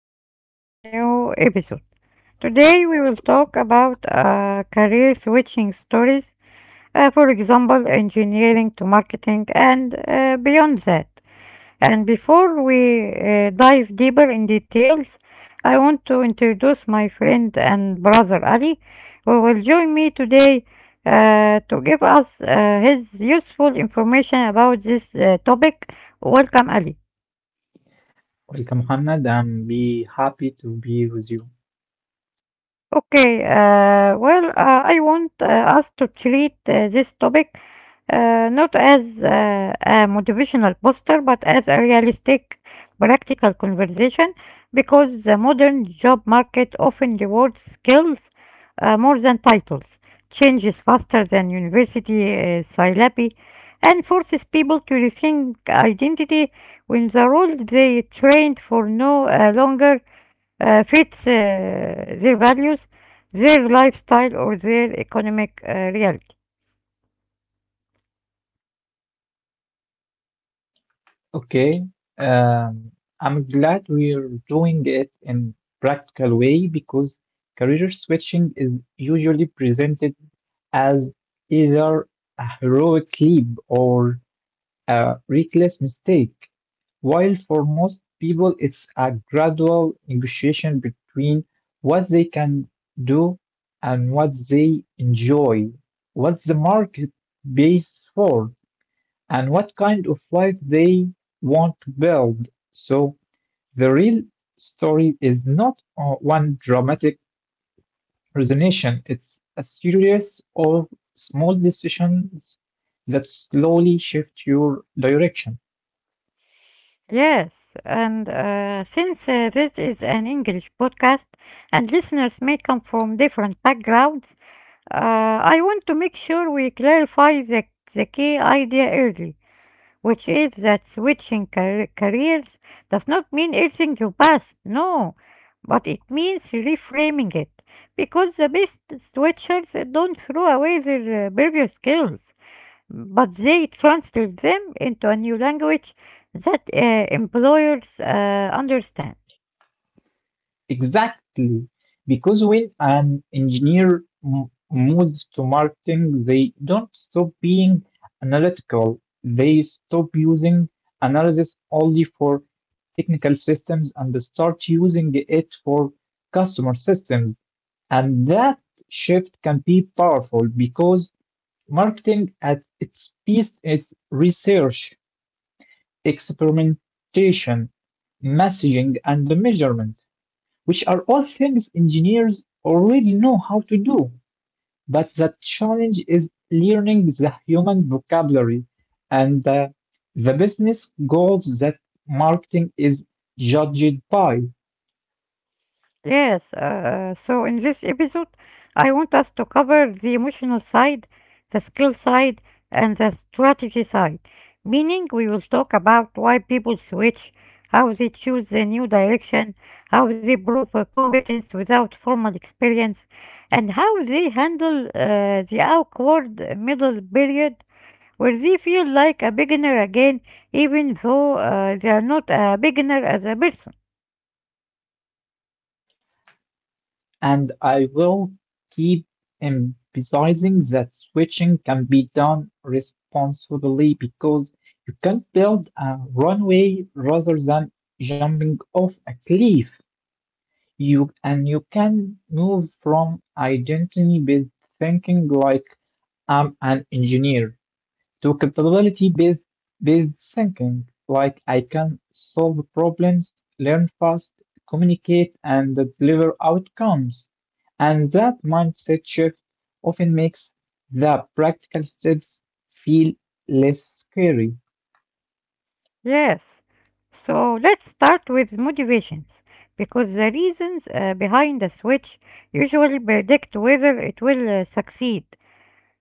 welcome to our new episode. Today, we will talk about career switching stories, for example, engineering to marketing, and beyond that. And before we dive deeper in details, I want to introduce my friend and brother Ali, who will join me today to give us his useful information about this topic. Welcome, Ali. Okay, I want us to treat this topic not as a motivational poster, but as a realistic, practical conversation because the modern job market often rewards skills more than titles, changes faster than university syllabi, and forces people to rethink identity when the role they trained for no longer fits their values, their lifestyle, or their economic reality. Yes, and since this is an English podcast and listeners may come from different backgrounds, I want to make sure we clarify the key idea early, which is that switching careers does not mean erasing your past, no, but it means reframing it. Because the best switchers don't throw away their previous skills, but they translate them into a new language that employers understand. Yes, so in this episode, I want us to cover the emotional side, the skill side, and the strategy side. Meaning, we will talk about why people switch, how they choose a new direction, how they prove competence without formal experience, and how they handle the awkward middle period where they feel like a beginner again, even though they are not a beginner as a person. Yes. So let's start with motivations because the reasons behind the switch usually predict whether it will succeed.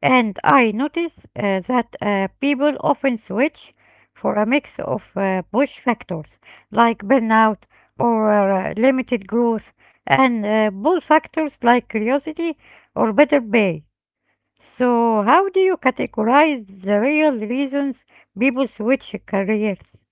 And I notice that people often switch for a mix of push factors like burnout or limited growth and pull factors like curiosity or better pay. So, how do you categorize the real reasons people switch careers?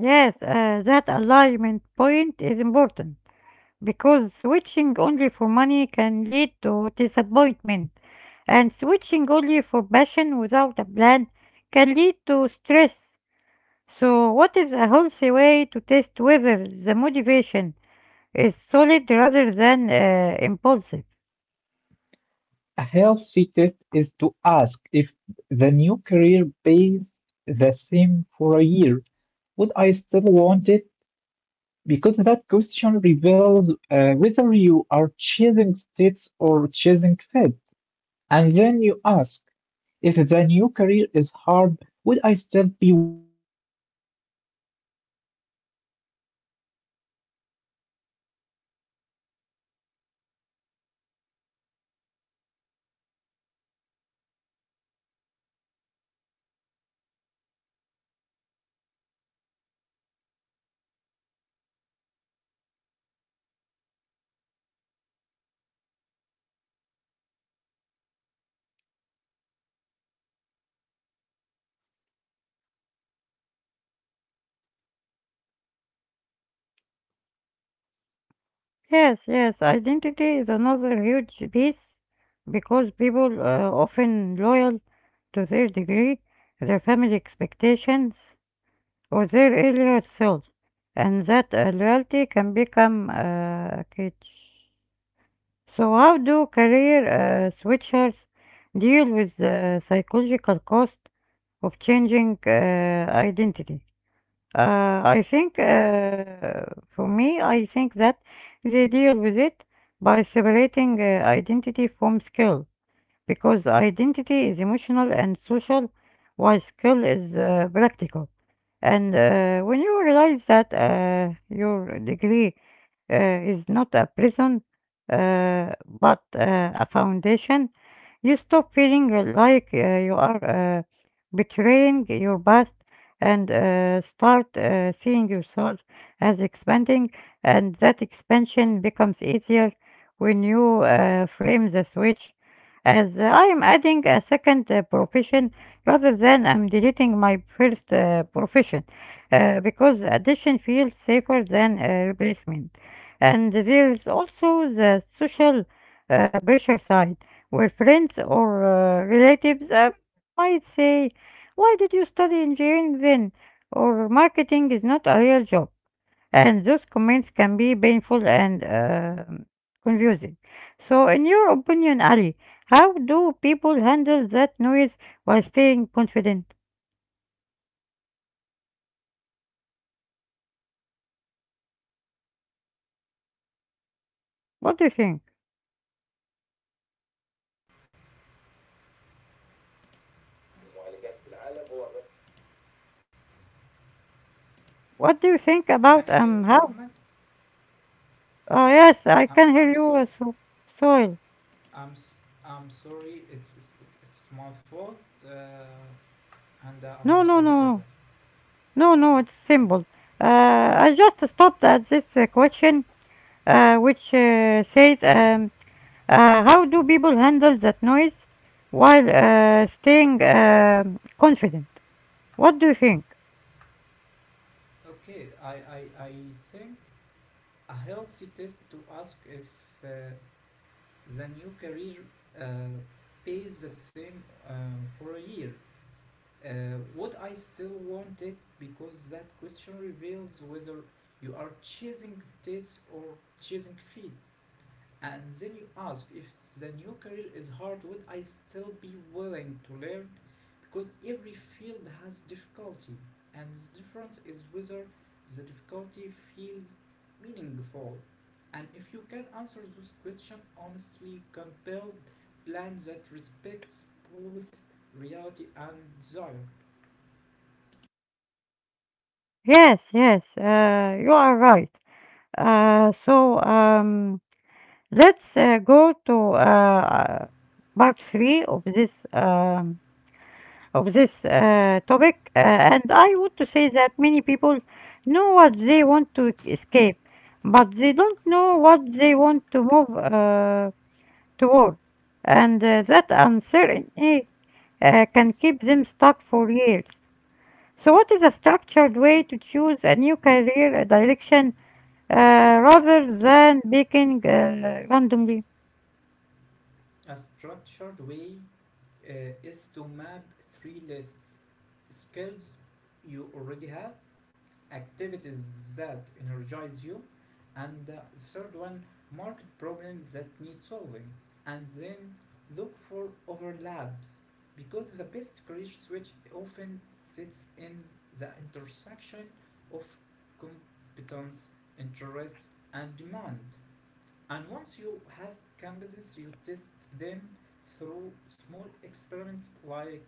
Yes, that alignment point is important because switching only for money can lead to disappointment, and switching only for passion without a plan can lead to stress. So, what is a healthy way to test whether the motivation is solid rather than impulsive? Yes, yes, identity is another huge piece because people often loyal to their degree, their family expectations, or their earlier self, and that loyalty can become cage. So, how do career switchers deal with the psychological cost of changing identity? I think, for me, I think that they deal with it by separating identity from skill because identity is emotional and social, while skill is practical. And when you realize that your degree is not a prison but a foundation, you stop feeling like you are betraying your past and start seeing yourself as expanding, and that expansion becomes easier when you frame the switch. As I am adding a second profession rather than I'm deleting my first profession because addition feels safer than replacement. And there is also the social pressure side where friends or relatives might say, "Why did you study engineering then?" Or, "Marketing is not a real job," and those comments can be painful and confusing. So, in your opinion, Ali, how do people handle that noise while staying confident? What do you think? المعالجات في العالم هو الرقم. What do you think Can about you hear me, how? Mohammed? Oh yes, I can hear I'm you. So So soil. I'm I I'm sorry. It's my fault, uh, and No, I'm no, sorry no, for no, that. no, no. It's simple. I just stopped at this question which says, how do people handle that noise while staying confident? What do you think? Okay, I, I I think a healthy test to ask if uh, the new career uh, pays the same for a year. Would I still want it? Because that question reveals whether you are chasing states or chasing feet. And then you ask if the new career is hard, would I still be willing to learn? Because every field has difficulty, and the difference is whether the difficulty feels meaningful. And if you can answer this question honestly, compelled plan that respects both reality and desire. Yes, yes, you are right. So let's go to part 3 of this of this topic, and I want to say that many people know what they want to escape, but they don't know what they want to move toward, and that uncertainty can keep them stuck for years. So, what is a structured way to choose a new career direction uh, rather than picking randomly? A structured way uh, is to map three lists, skills you already have, activities that energize you, and the third one, market problems that need solving, and then look for overlaps, because the best career switch often sits in the intersection of competence, interest, and demand. And once you have candidates, you test them through small experiments like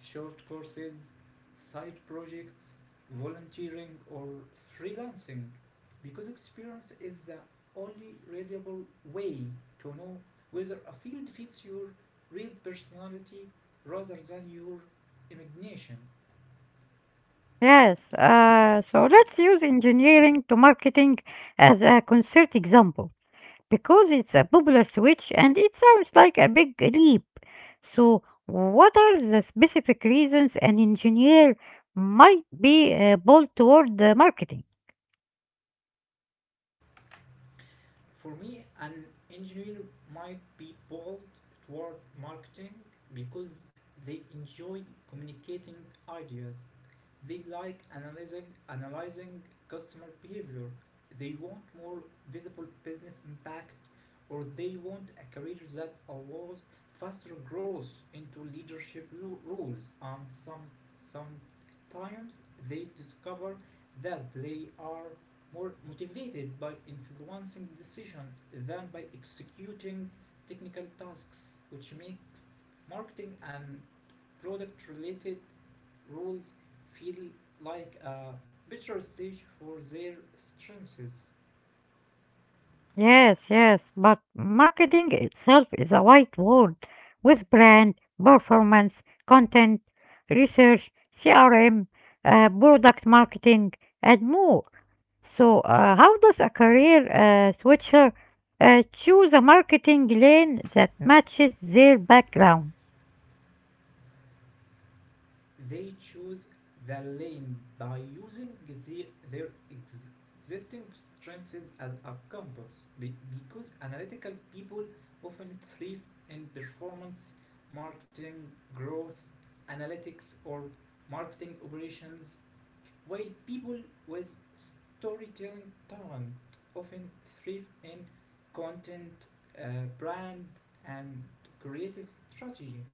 short courses, side projects, volunteering, or freelancing. Because experience is the only reliable way to know whether a field fits your real personality rather than your imagination. Yes, so let's use engineering to marketing as a concrete example. Because it's a popular switch and it sounds like a big leap. So, what are the specific reasons an engineer might be bold toward the marketing? For me, an engineer might be bold toward marketing because they enjoy communicating ideas, they like analyzing customer behavior. They want more visible business impact, or they want a career that allows faster growth into leadership roles. And sometimes they discover that they are more motivated by influencing decision than by executing technical tasks, which makes marketing and product related rules feel like a better stage for their strengths. Yes, yes, but marketing itself is a wide world with brand, performance, content, research, CRM, product marketing, and more. So, how does a career switcher choose a marketing lane that matches their background? They choose the lane by using their existing strengths as a compass because analytical people often thrive in performance, marketing, growth, analytics, or marketing operations, while people with storytelling talent often thrive in content, uh, brand, and creative strategy,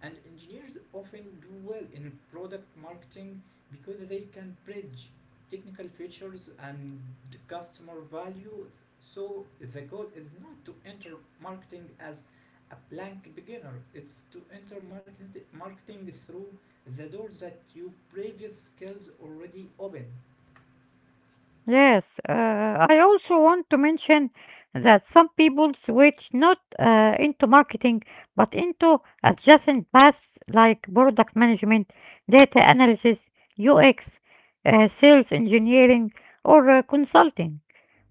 and engineers often do well in product marketing because they can bridge technical features and customer value. So the goal is not to enter marketing as a blank beginner, it's to enter marketing through the doors that your previous skills already open. Yes, I also want to mention that some people switch not into marketing but into adjacent paths like product management, data analysis, UX, sales engineering, or consulting,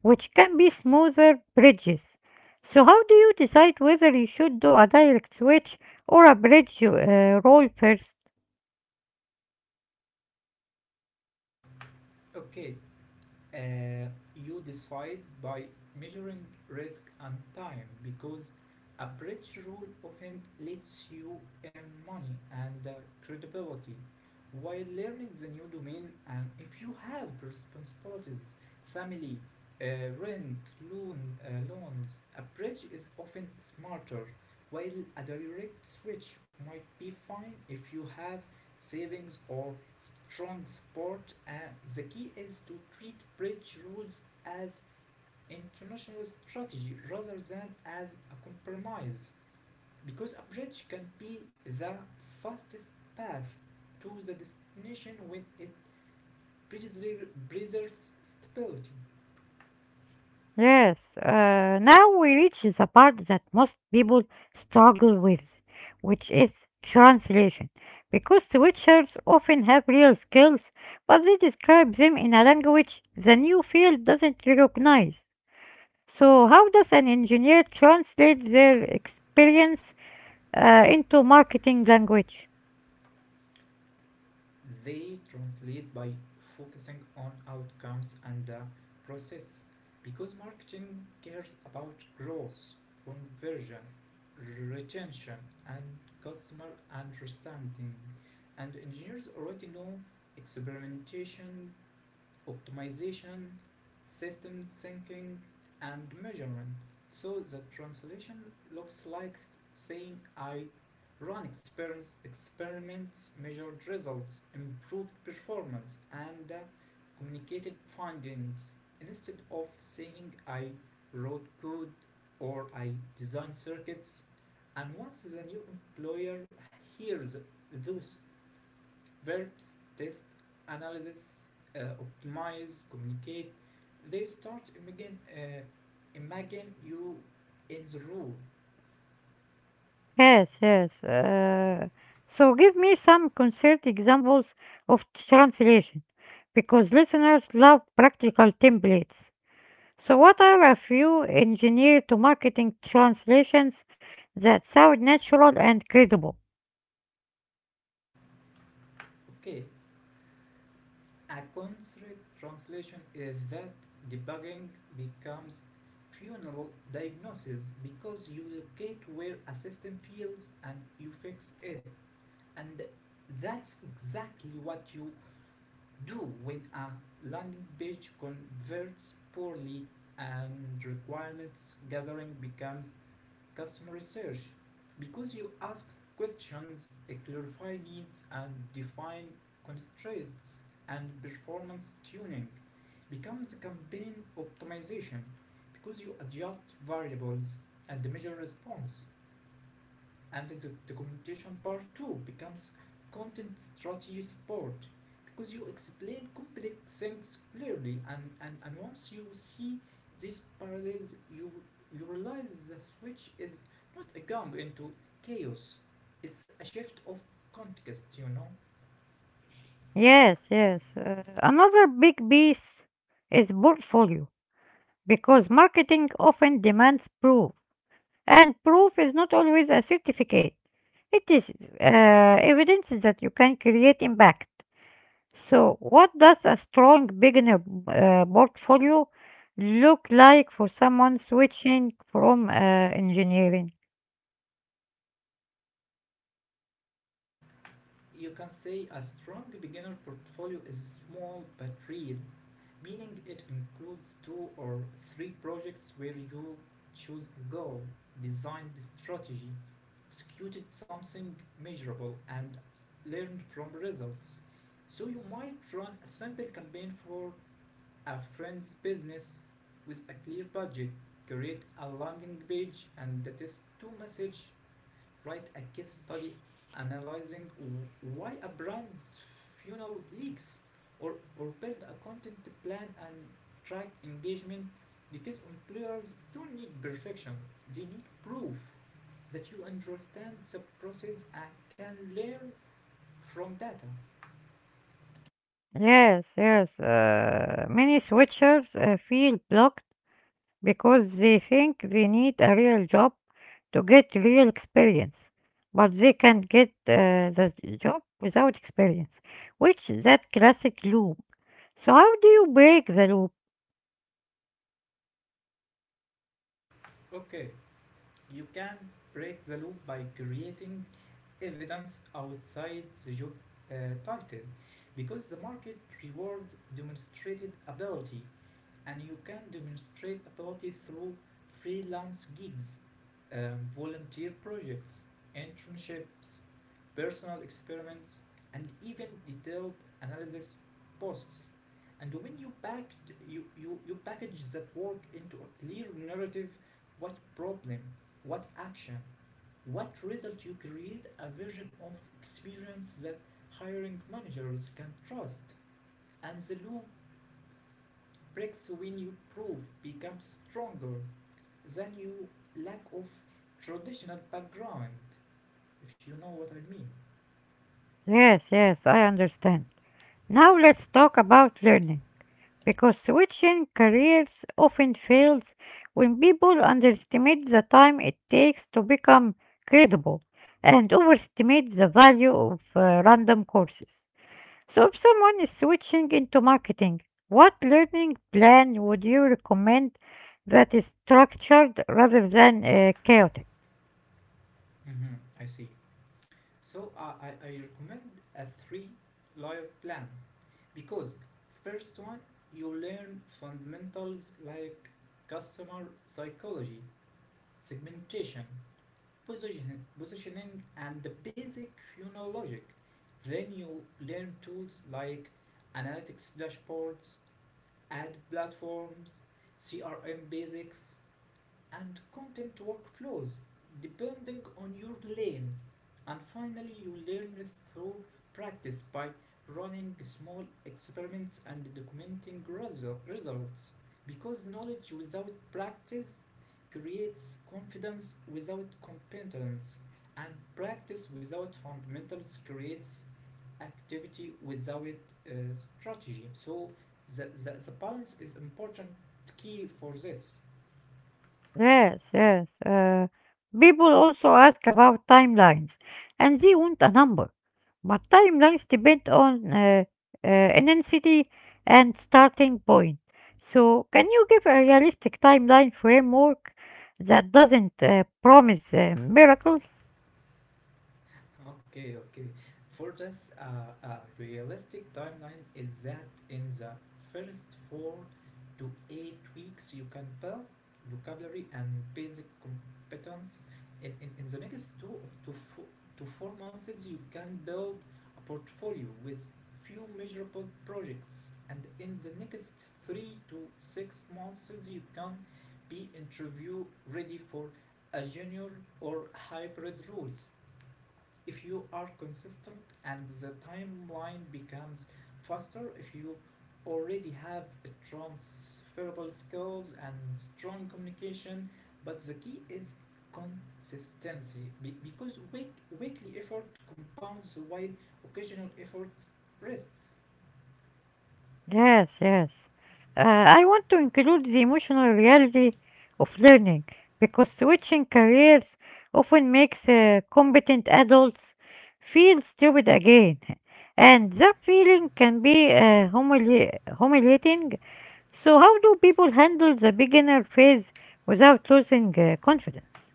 which can be smoother bridges. So, how do you decide whether you should do a direct switch or a bridge roll first? Okay. Uh, you decide by measuring risk and time, because a bridge rule often lets you earn money and credibility while learning the new domain. And if you have responsibilities, family, uh, rent, loan, loans, a bridge is often smarter. While a direct switch might be fine if you have savings or strong support. The key is to treat bridge rules as international strategy rather than as a compromise, because a bridge can be the fastest path to the destination when it preserves stability. Yes, now we reach the part that most people struggle with, which is translation. Because switchers often have real skills, but they describe them in a language the new field doesn't recognize. So, how does an engineer translate their experience into marketing language? They translate by focusing on outcomes and the process, because marketing cares about growth, conversion, retention, and customer understanding. And engineers already know experimentation, optimization, system syncing, and measuring. So the translation looks like saying I run experiments, measured results, improved performance, and communicated findings, instead of saying I wrote code or I designed circuits. And once the new employer hears those verbs, test, analysis, optimize, communicate. They start imagine you in the role. Yes, yes. So give me some concrete examples of translation, because listeners love practical templates. So what are a few engineer to marketing translations that sound natural and credible? Okay, a concrete translation is that debugging becomes funeral diagnosis, because you locate where a system fails and you fix it. And that's exactly what you do when a landing page converts poorly. And requirements gathering becomes customer research, because you ask questions, clarify needs, and define constraints. And performance tuning becomes campaign optimization, because you adjust variables and measure response. And the documentation part 2 becomes content strategy support, because you explain complex things clearly. And once you see these parallels, you realize the switch is not a jump into chaos, it's a shift of context. Yes, yes. Another big piece is portfolio, because marketing often demands proof, and proof is not always a certificate. It is uh, evidence that you can create impact. So, what does a strong beginner portfolio look like for someone switching from engineering? You can say a strong beginner portfolio is small but real, meaning it includes two or three projects where you choose a goal, design the strategy, executed something measurable, and learned from results. So you might run a simple campaign for a friend's business with a clear budget, create a landing page and a test to message, write a case study analyzing why a brand's funnel leaks, or build a content plan and track engagement, because employers don't need perfection, they need proof that you understand the process and can learn from data. Yes, yes. Many switchers feel blocked because they think they need a real job to get real experience, but they can't get the job without experience, which is that classic loop. So, how do you break the loop? Okay, you can break the loop by creating evidence outside the job uh, title, because the market rewards demonstrated ability, and you can demonstrate ability through freelance gigs, volunteer projects, internships, personal experiments, and even detailed analysis posts. And when you packed you, you, you package that work into a clear narrative, what problem, what action, what result you create a version of experience that hiring managers can trust. And the loop breaks when you prove becomes stronger than you lack of traditional background, if you know what I mean. Yes, yes, I understand. Now let's talk about learning, because switching careers often fails when people underestimate the time it takes to become credible and overestimate the value of random courses. So, if someone is switching into marketing, what learning plan would you recommend that is structured rather than chaotic? Mm-hmm. I see. So I recommend a three layer plan, because first one, you learn fundamentals like customer psychology, segmentation, positioning, and the basic logic. Then you learn tools like analytics dashboards, ad platforms, CRM basics, and content workflows, depending on your lane. And finally, you learn through practice by running small experiments and documenting results. Because knowledge without practice creates confidence without competence, and practice without fundamentals creates activity without uh, strategy. So the balance is important, key for this. Yes, yes. People also ask about timelines, and they want a number. But timelines depend on intensity and starting point. So, can you give a realistic timeline framework that doesn't promise miracles? Okay, okay. For this, a realistic timeline is that in the first 4 to 8 weeks you can build vocabulary and basic competence. In the next two to four, to four months you can build a portfolio with few measurable projects, and in the next 3 to 6 months you can be interview ready for a junior or hybrid roles, if you are consistent. And the timeline becomes faster if you already have a transferable skills and strong communication, but the key is consistency, because weekly effort compounds while occasional effort rests. Yes, yes. I want to include the emotional reality of learning because switching careers often makes competent adults feel stupid again. And that feeling can be humiliating. So, how do people handle the beginner phase without losing confidence?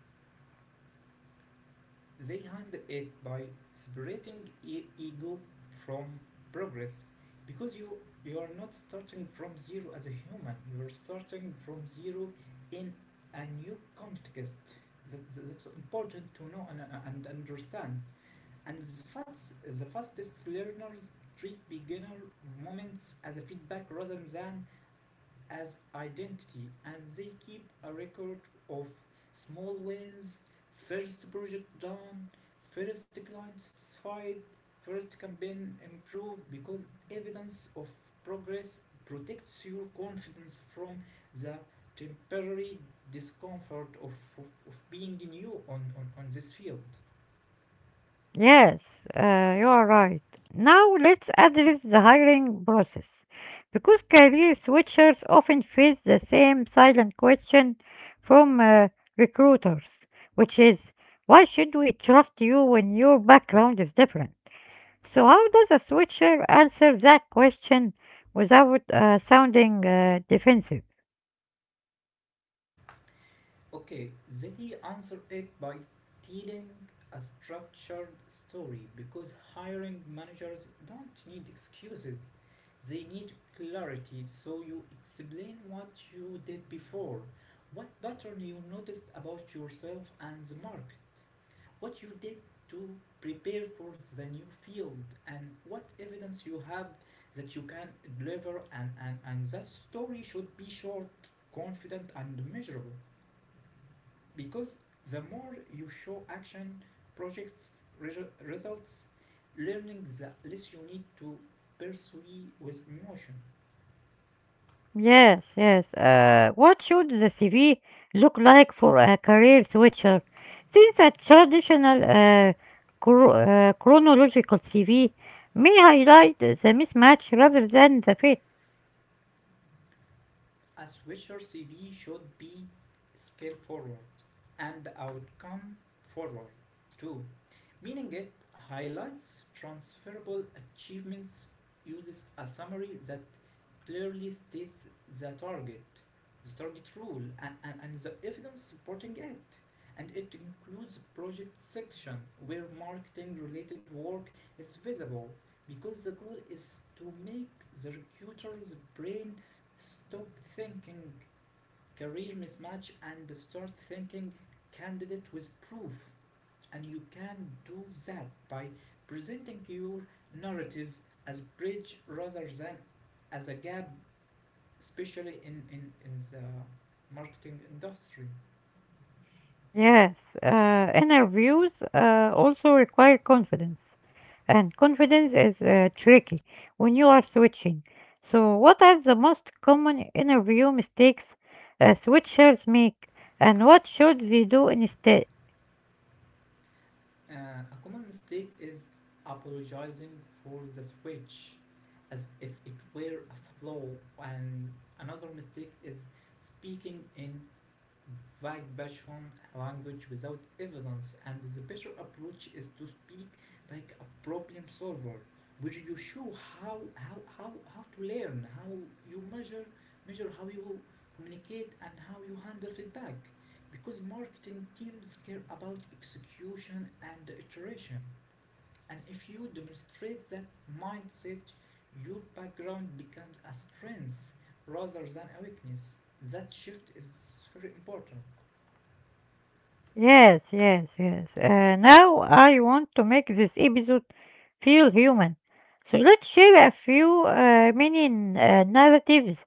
They hand it by separating ego from progress, because you are not starting from zero as a human. You are starting from zero in a new context. That's important to know and understand. And the fastest learners treat beginner moments as a feedback rather than as identity, and they keep a record of small wins, first project done, first client satisfied, first campaign improved because evidence of progress protects your confidence from the temporary discomfort of being new on this field. Yes, you are right. Now let's address the hiring process. Because career switchers often face the same silent question from recruiters, which is, why should we trust you when your background is different? So, how does a switcher answer that question without sounding defensive? Okay, Ziggy answered it by telling a structured story, because hiring managers don't need excuses. They need clarity, so you explain what you did before, what pattern you noticed about yourself and the market, what you did to prepare for the new field, and what evidence you have that you can deliver. And that story should be short, confident, and measurable, because the more you show action projects, results, learning the less you need to pursue with emotion. Yes, yes. What should the CV look like for a career switcher? Since a traditional chronological CV may highlight the mismatch rather than the fit. A switcher CV should be scale forward and outcome forward too, meaning it highlights transferable achievements, uses a summary that clearly states the target, the target rule, and the evidence supporting it. And it includes project section where marketing related work is visible, because the goal is to make the recruiter's brain stop thinking career mismatch and start thinking candidate with proof. And you can do that by presenting your narrative as a bridge rather than as a gap, especially in the marketing industry. Yes, interviews also require confidence, and confidence is tricky when you are switching. So, what are the most common interview mistakes switchers make, and what should they do instead? A common mistake is apologizing for the switch as if it were a flaw, and another mistake is speaking in vague passion language without evidence. And the better approach is to speak like a problem solver, where you show how to learn, how you measure, how you communicate, and how you handle feedback. Because marketing teams care about execution and iteration. And if you demonstrate that mindset, your background becomes a strength rather than a weakness. That shift is very important. Yes, yes, yes. Now I want to make this episode feel human. So let's share a few mini narratives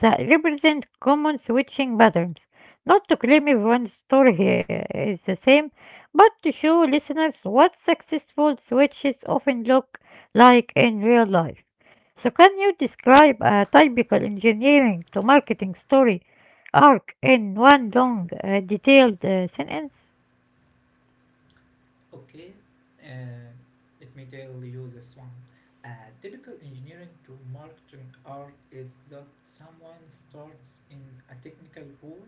that represent common switching patterns. Not to claim everyone's story here is the same, but to show listeners what successful switches often look like in real life. So, can you describe a typical engineering to marketing story arc in one long, detailed sentence? Okay, uh, let me tell you this one. A typical engineering to marketing art is that someone starts in a technical role,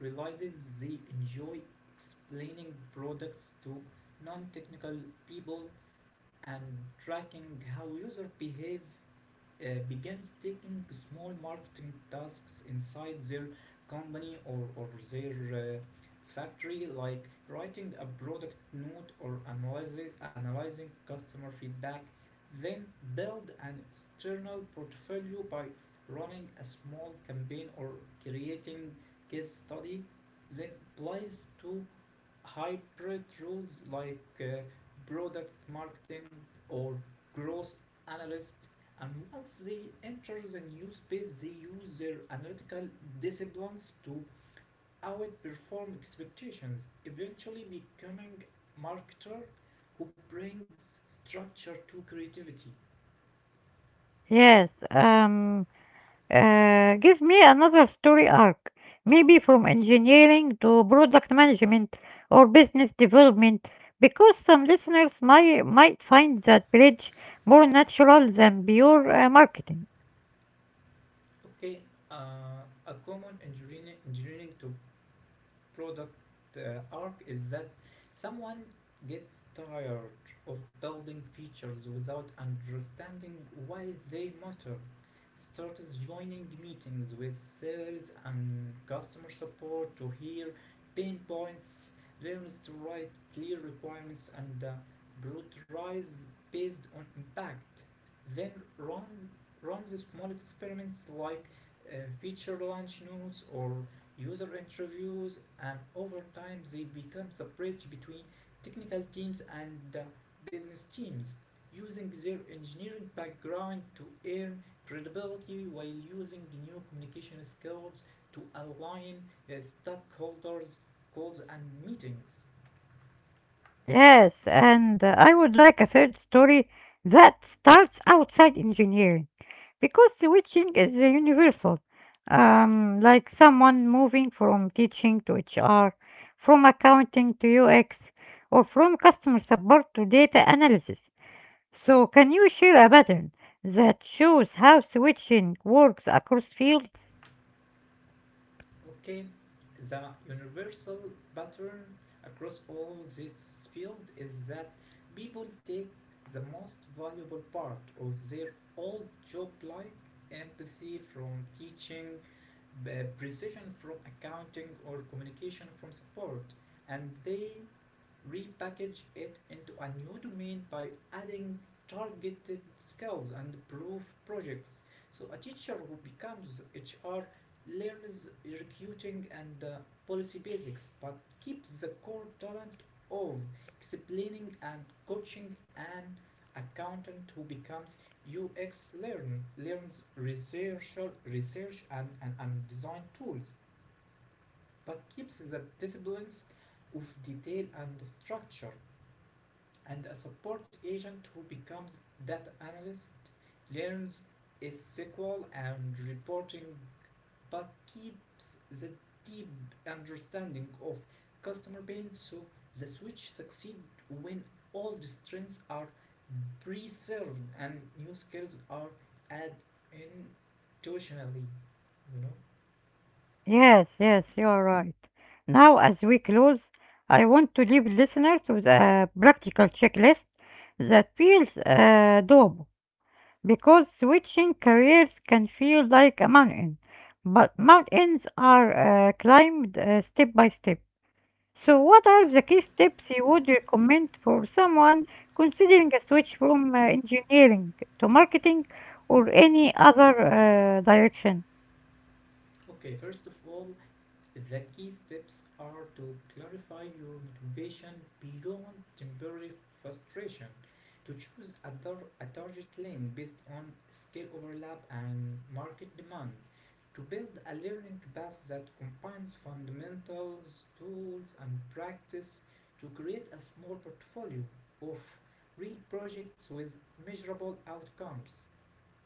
realizes they enjoy explaining products to non technical people and tracking how users behave, begins taking small marketing tasks inside their company, or their uh, factory, like writing a product note or analyzing customer feedback, then build an external portfolio by running a small campaign or creating case study, then applies to hybrid roles like product marketing or growth analyst, and once they enter the new space they use their analytical disciplines to outperform expectations, eventually becoming a marketer who brings structure to creativity. Yes, give me another story arc, maybe from engineering to product management or business development, because some listeners might find that bridge more natural than pure marketing. Okay uh, a common engineering to product arc is that someone gets tired of building features without understanding why they matter, starts joining meetings with sales and customer support to hear pain points, learns to write clear requirements and prioritize based on impact, then runs runs small experiments like uh, feature launch notes or user interviews, and over time they become the bridge between technical teams and business teams, using their engineering background to earn credibility while using new communication skills to align stakeholders' calls and meetings. Yes, and I would like a third story that starts outside engineering. Because switching is universal, like someone moving from teaching to HR, from accounting to UX, or from customer support to data analysis. So, can you share a pattern that shows how switching works across fields? Okay, the universal pattern across all this field is that people take the most valuable part of their old job, like empathy from teaching, precision from accounting, or communication from support, and they repackage it into a new domain by adding targeted skills and proof projects. So a teacher who becomes HR learns recruiting and policy basics, but keeps the core talent of explaining and coaching. An accountant who becomes UX learns research and design tools, but keeps the disciplines of detail and structure. And a support agent who becomes data analyst learns SQL and reporting, but keeps the deep understanding of customer pain. So the switch succeed when old strengths are preserved and new skills are added intuitionally you know Yes, yes, you are right. Now, as we close, I want to leave listeners with a practical checklist that feels doable, because switching careers can feel like a mountain, but mountains are climbed step by step. So, what are the key steps you would recommend for someone considering a switch from engineering to marketing or any other direction? okay, first of all, the key steps are to clarify your motivation beyond temporary frustration, to choose a target lane based on skill overlap and market demand, to build a learning path that combines fundamentals, tools, and practice, to create a small portfolio of real projects with measurable outcomes,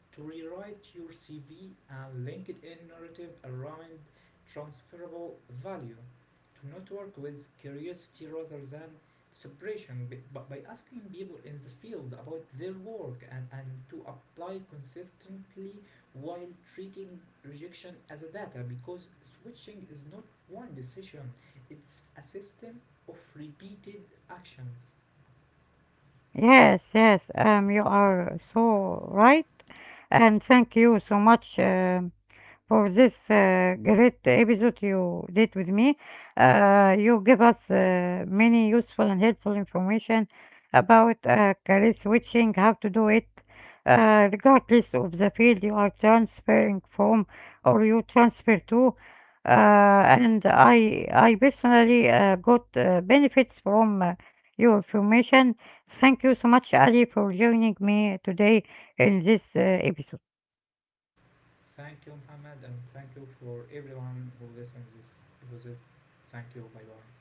to rewrite your CV and LinkedIn narrative around transferable value. To not work with curiosity rather than suppression, but by asking people in the field about their work, and to apply consistently while treating rejection as a data, because switching is not one decision, it's a system of repeated actions. Yes, yes, you are so right, and thank you so much. For this great episode you did with me, you gave us many useful and helpful information about career switching, how to do it, regardless of the field you are transferring from or you transfer to. And I personally got benefits from your information. Thank you so much, Ali, for joining me today in this episode. Thank you, Muhammad, and thank you for everyone who listens this episode. Thank you. Bye bye.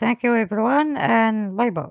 Thank you, everyone, and bye bye.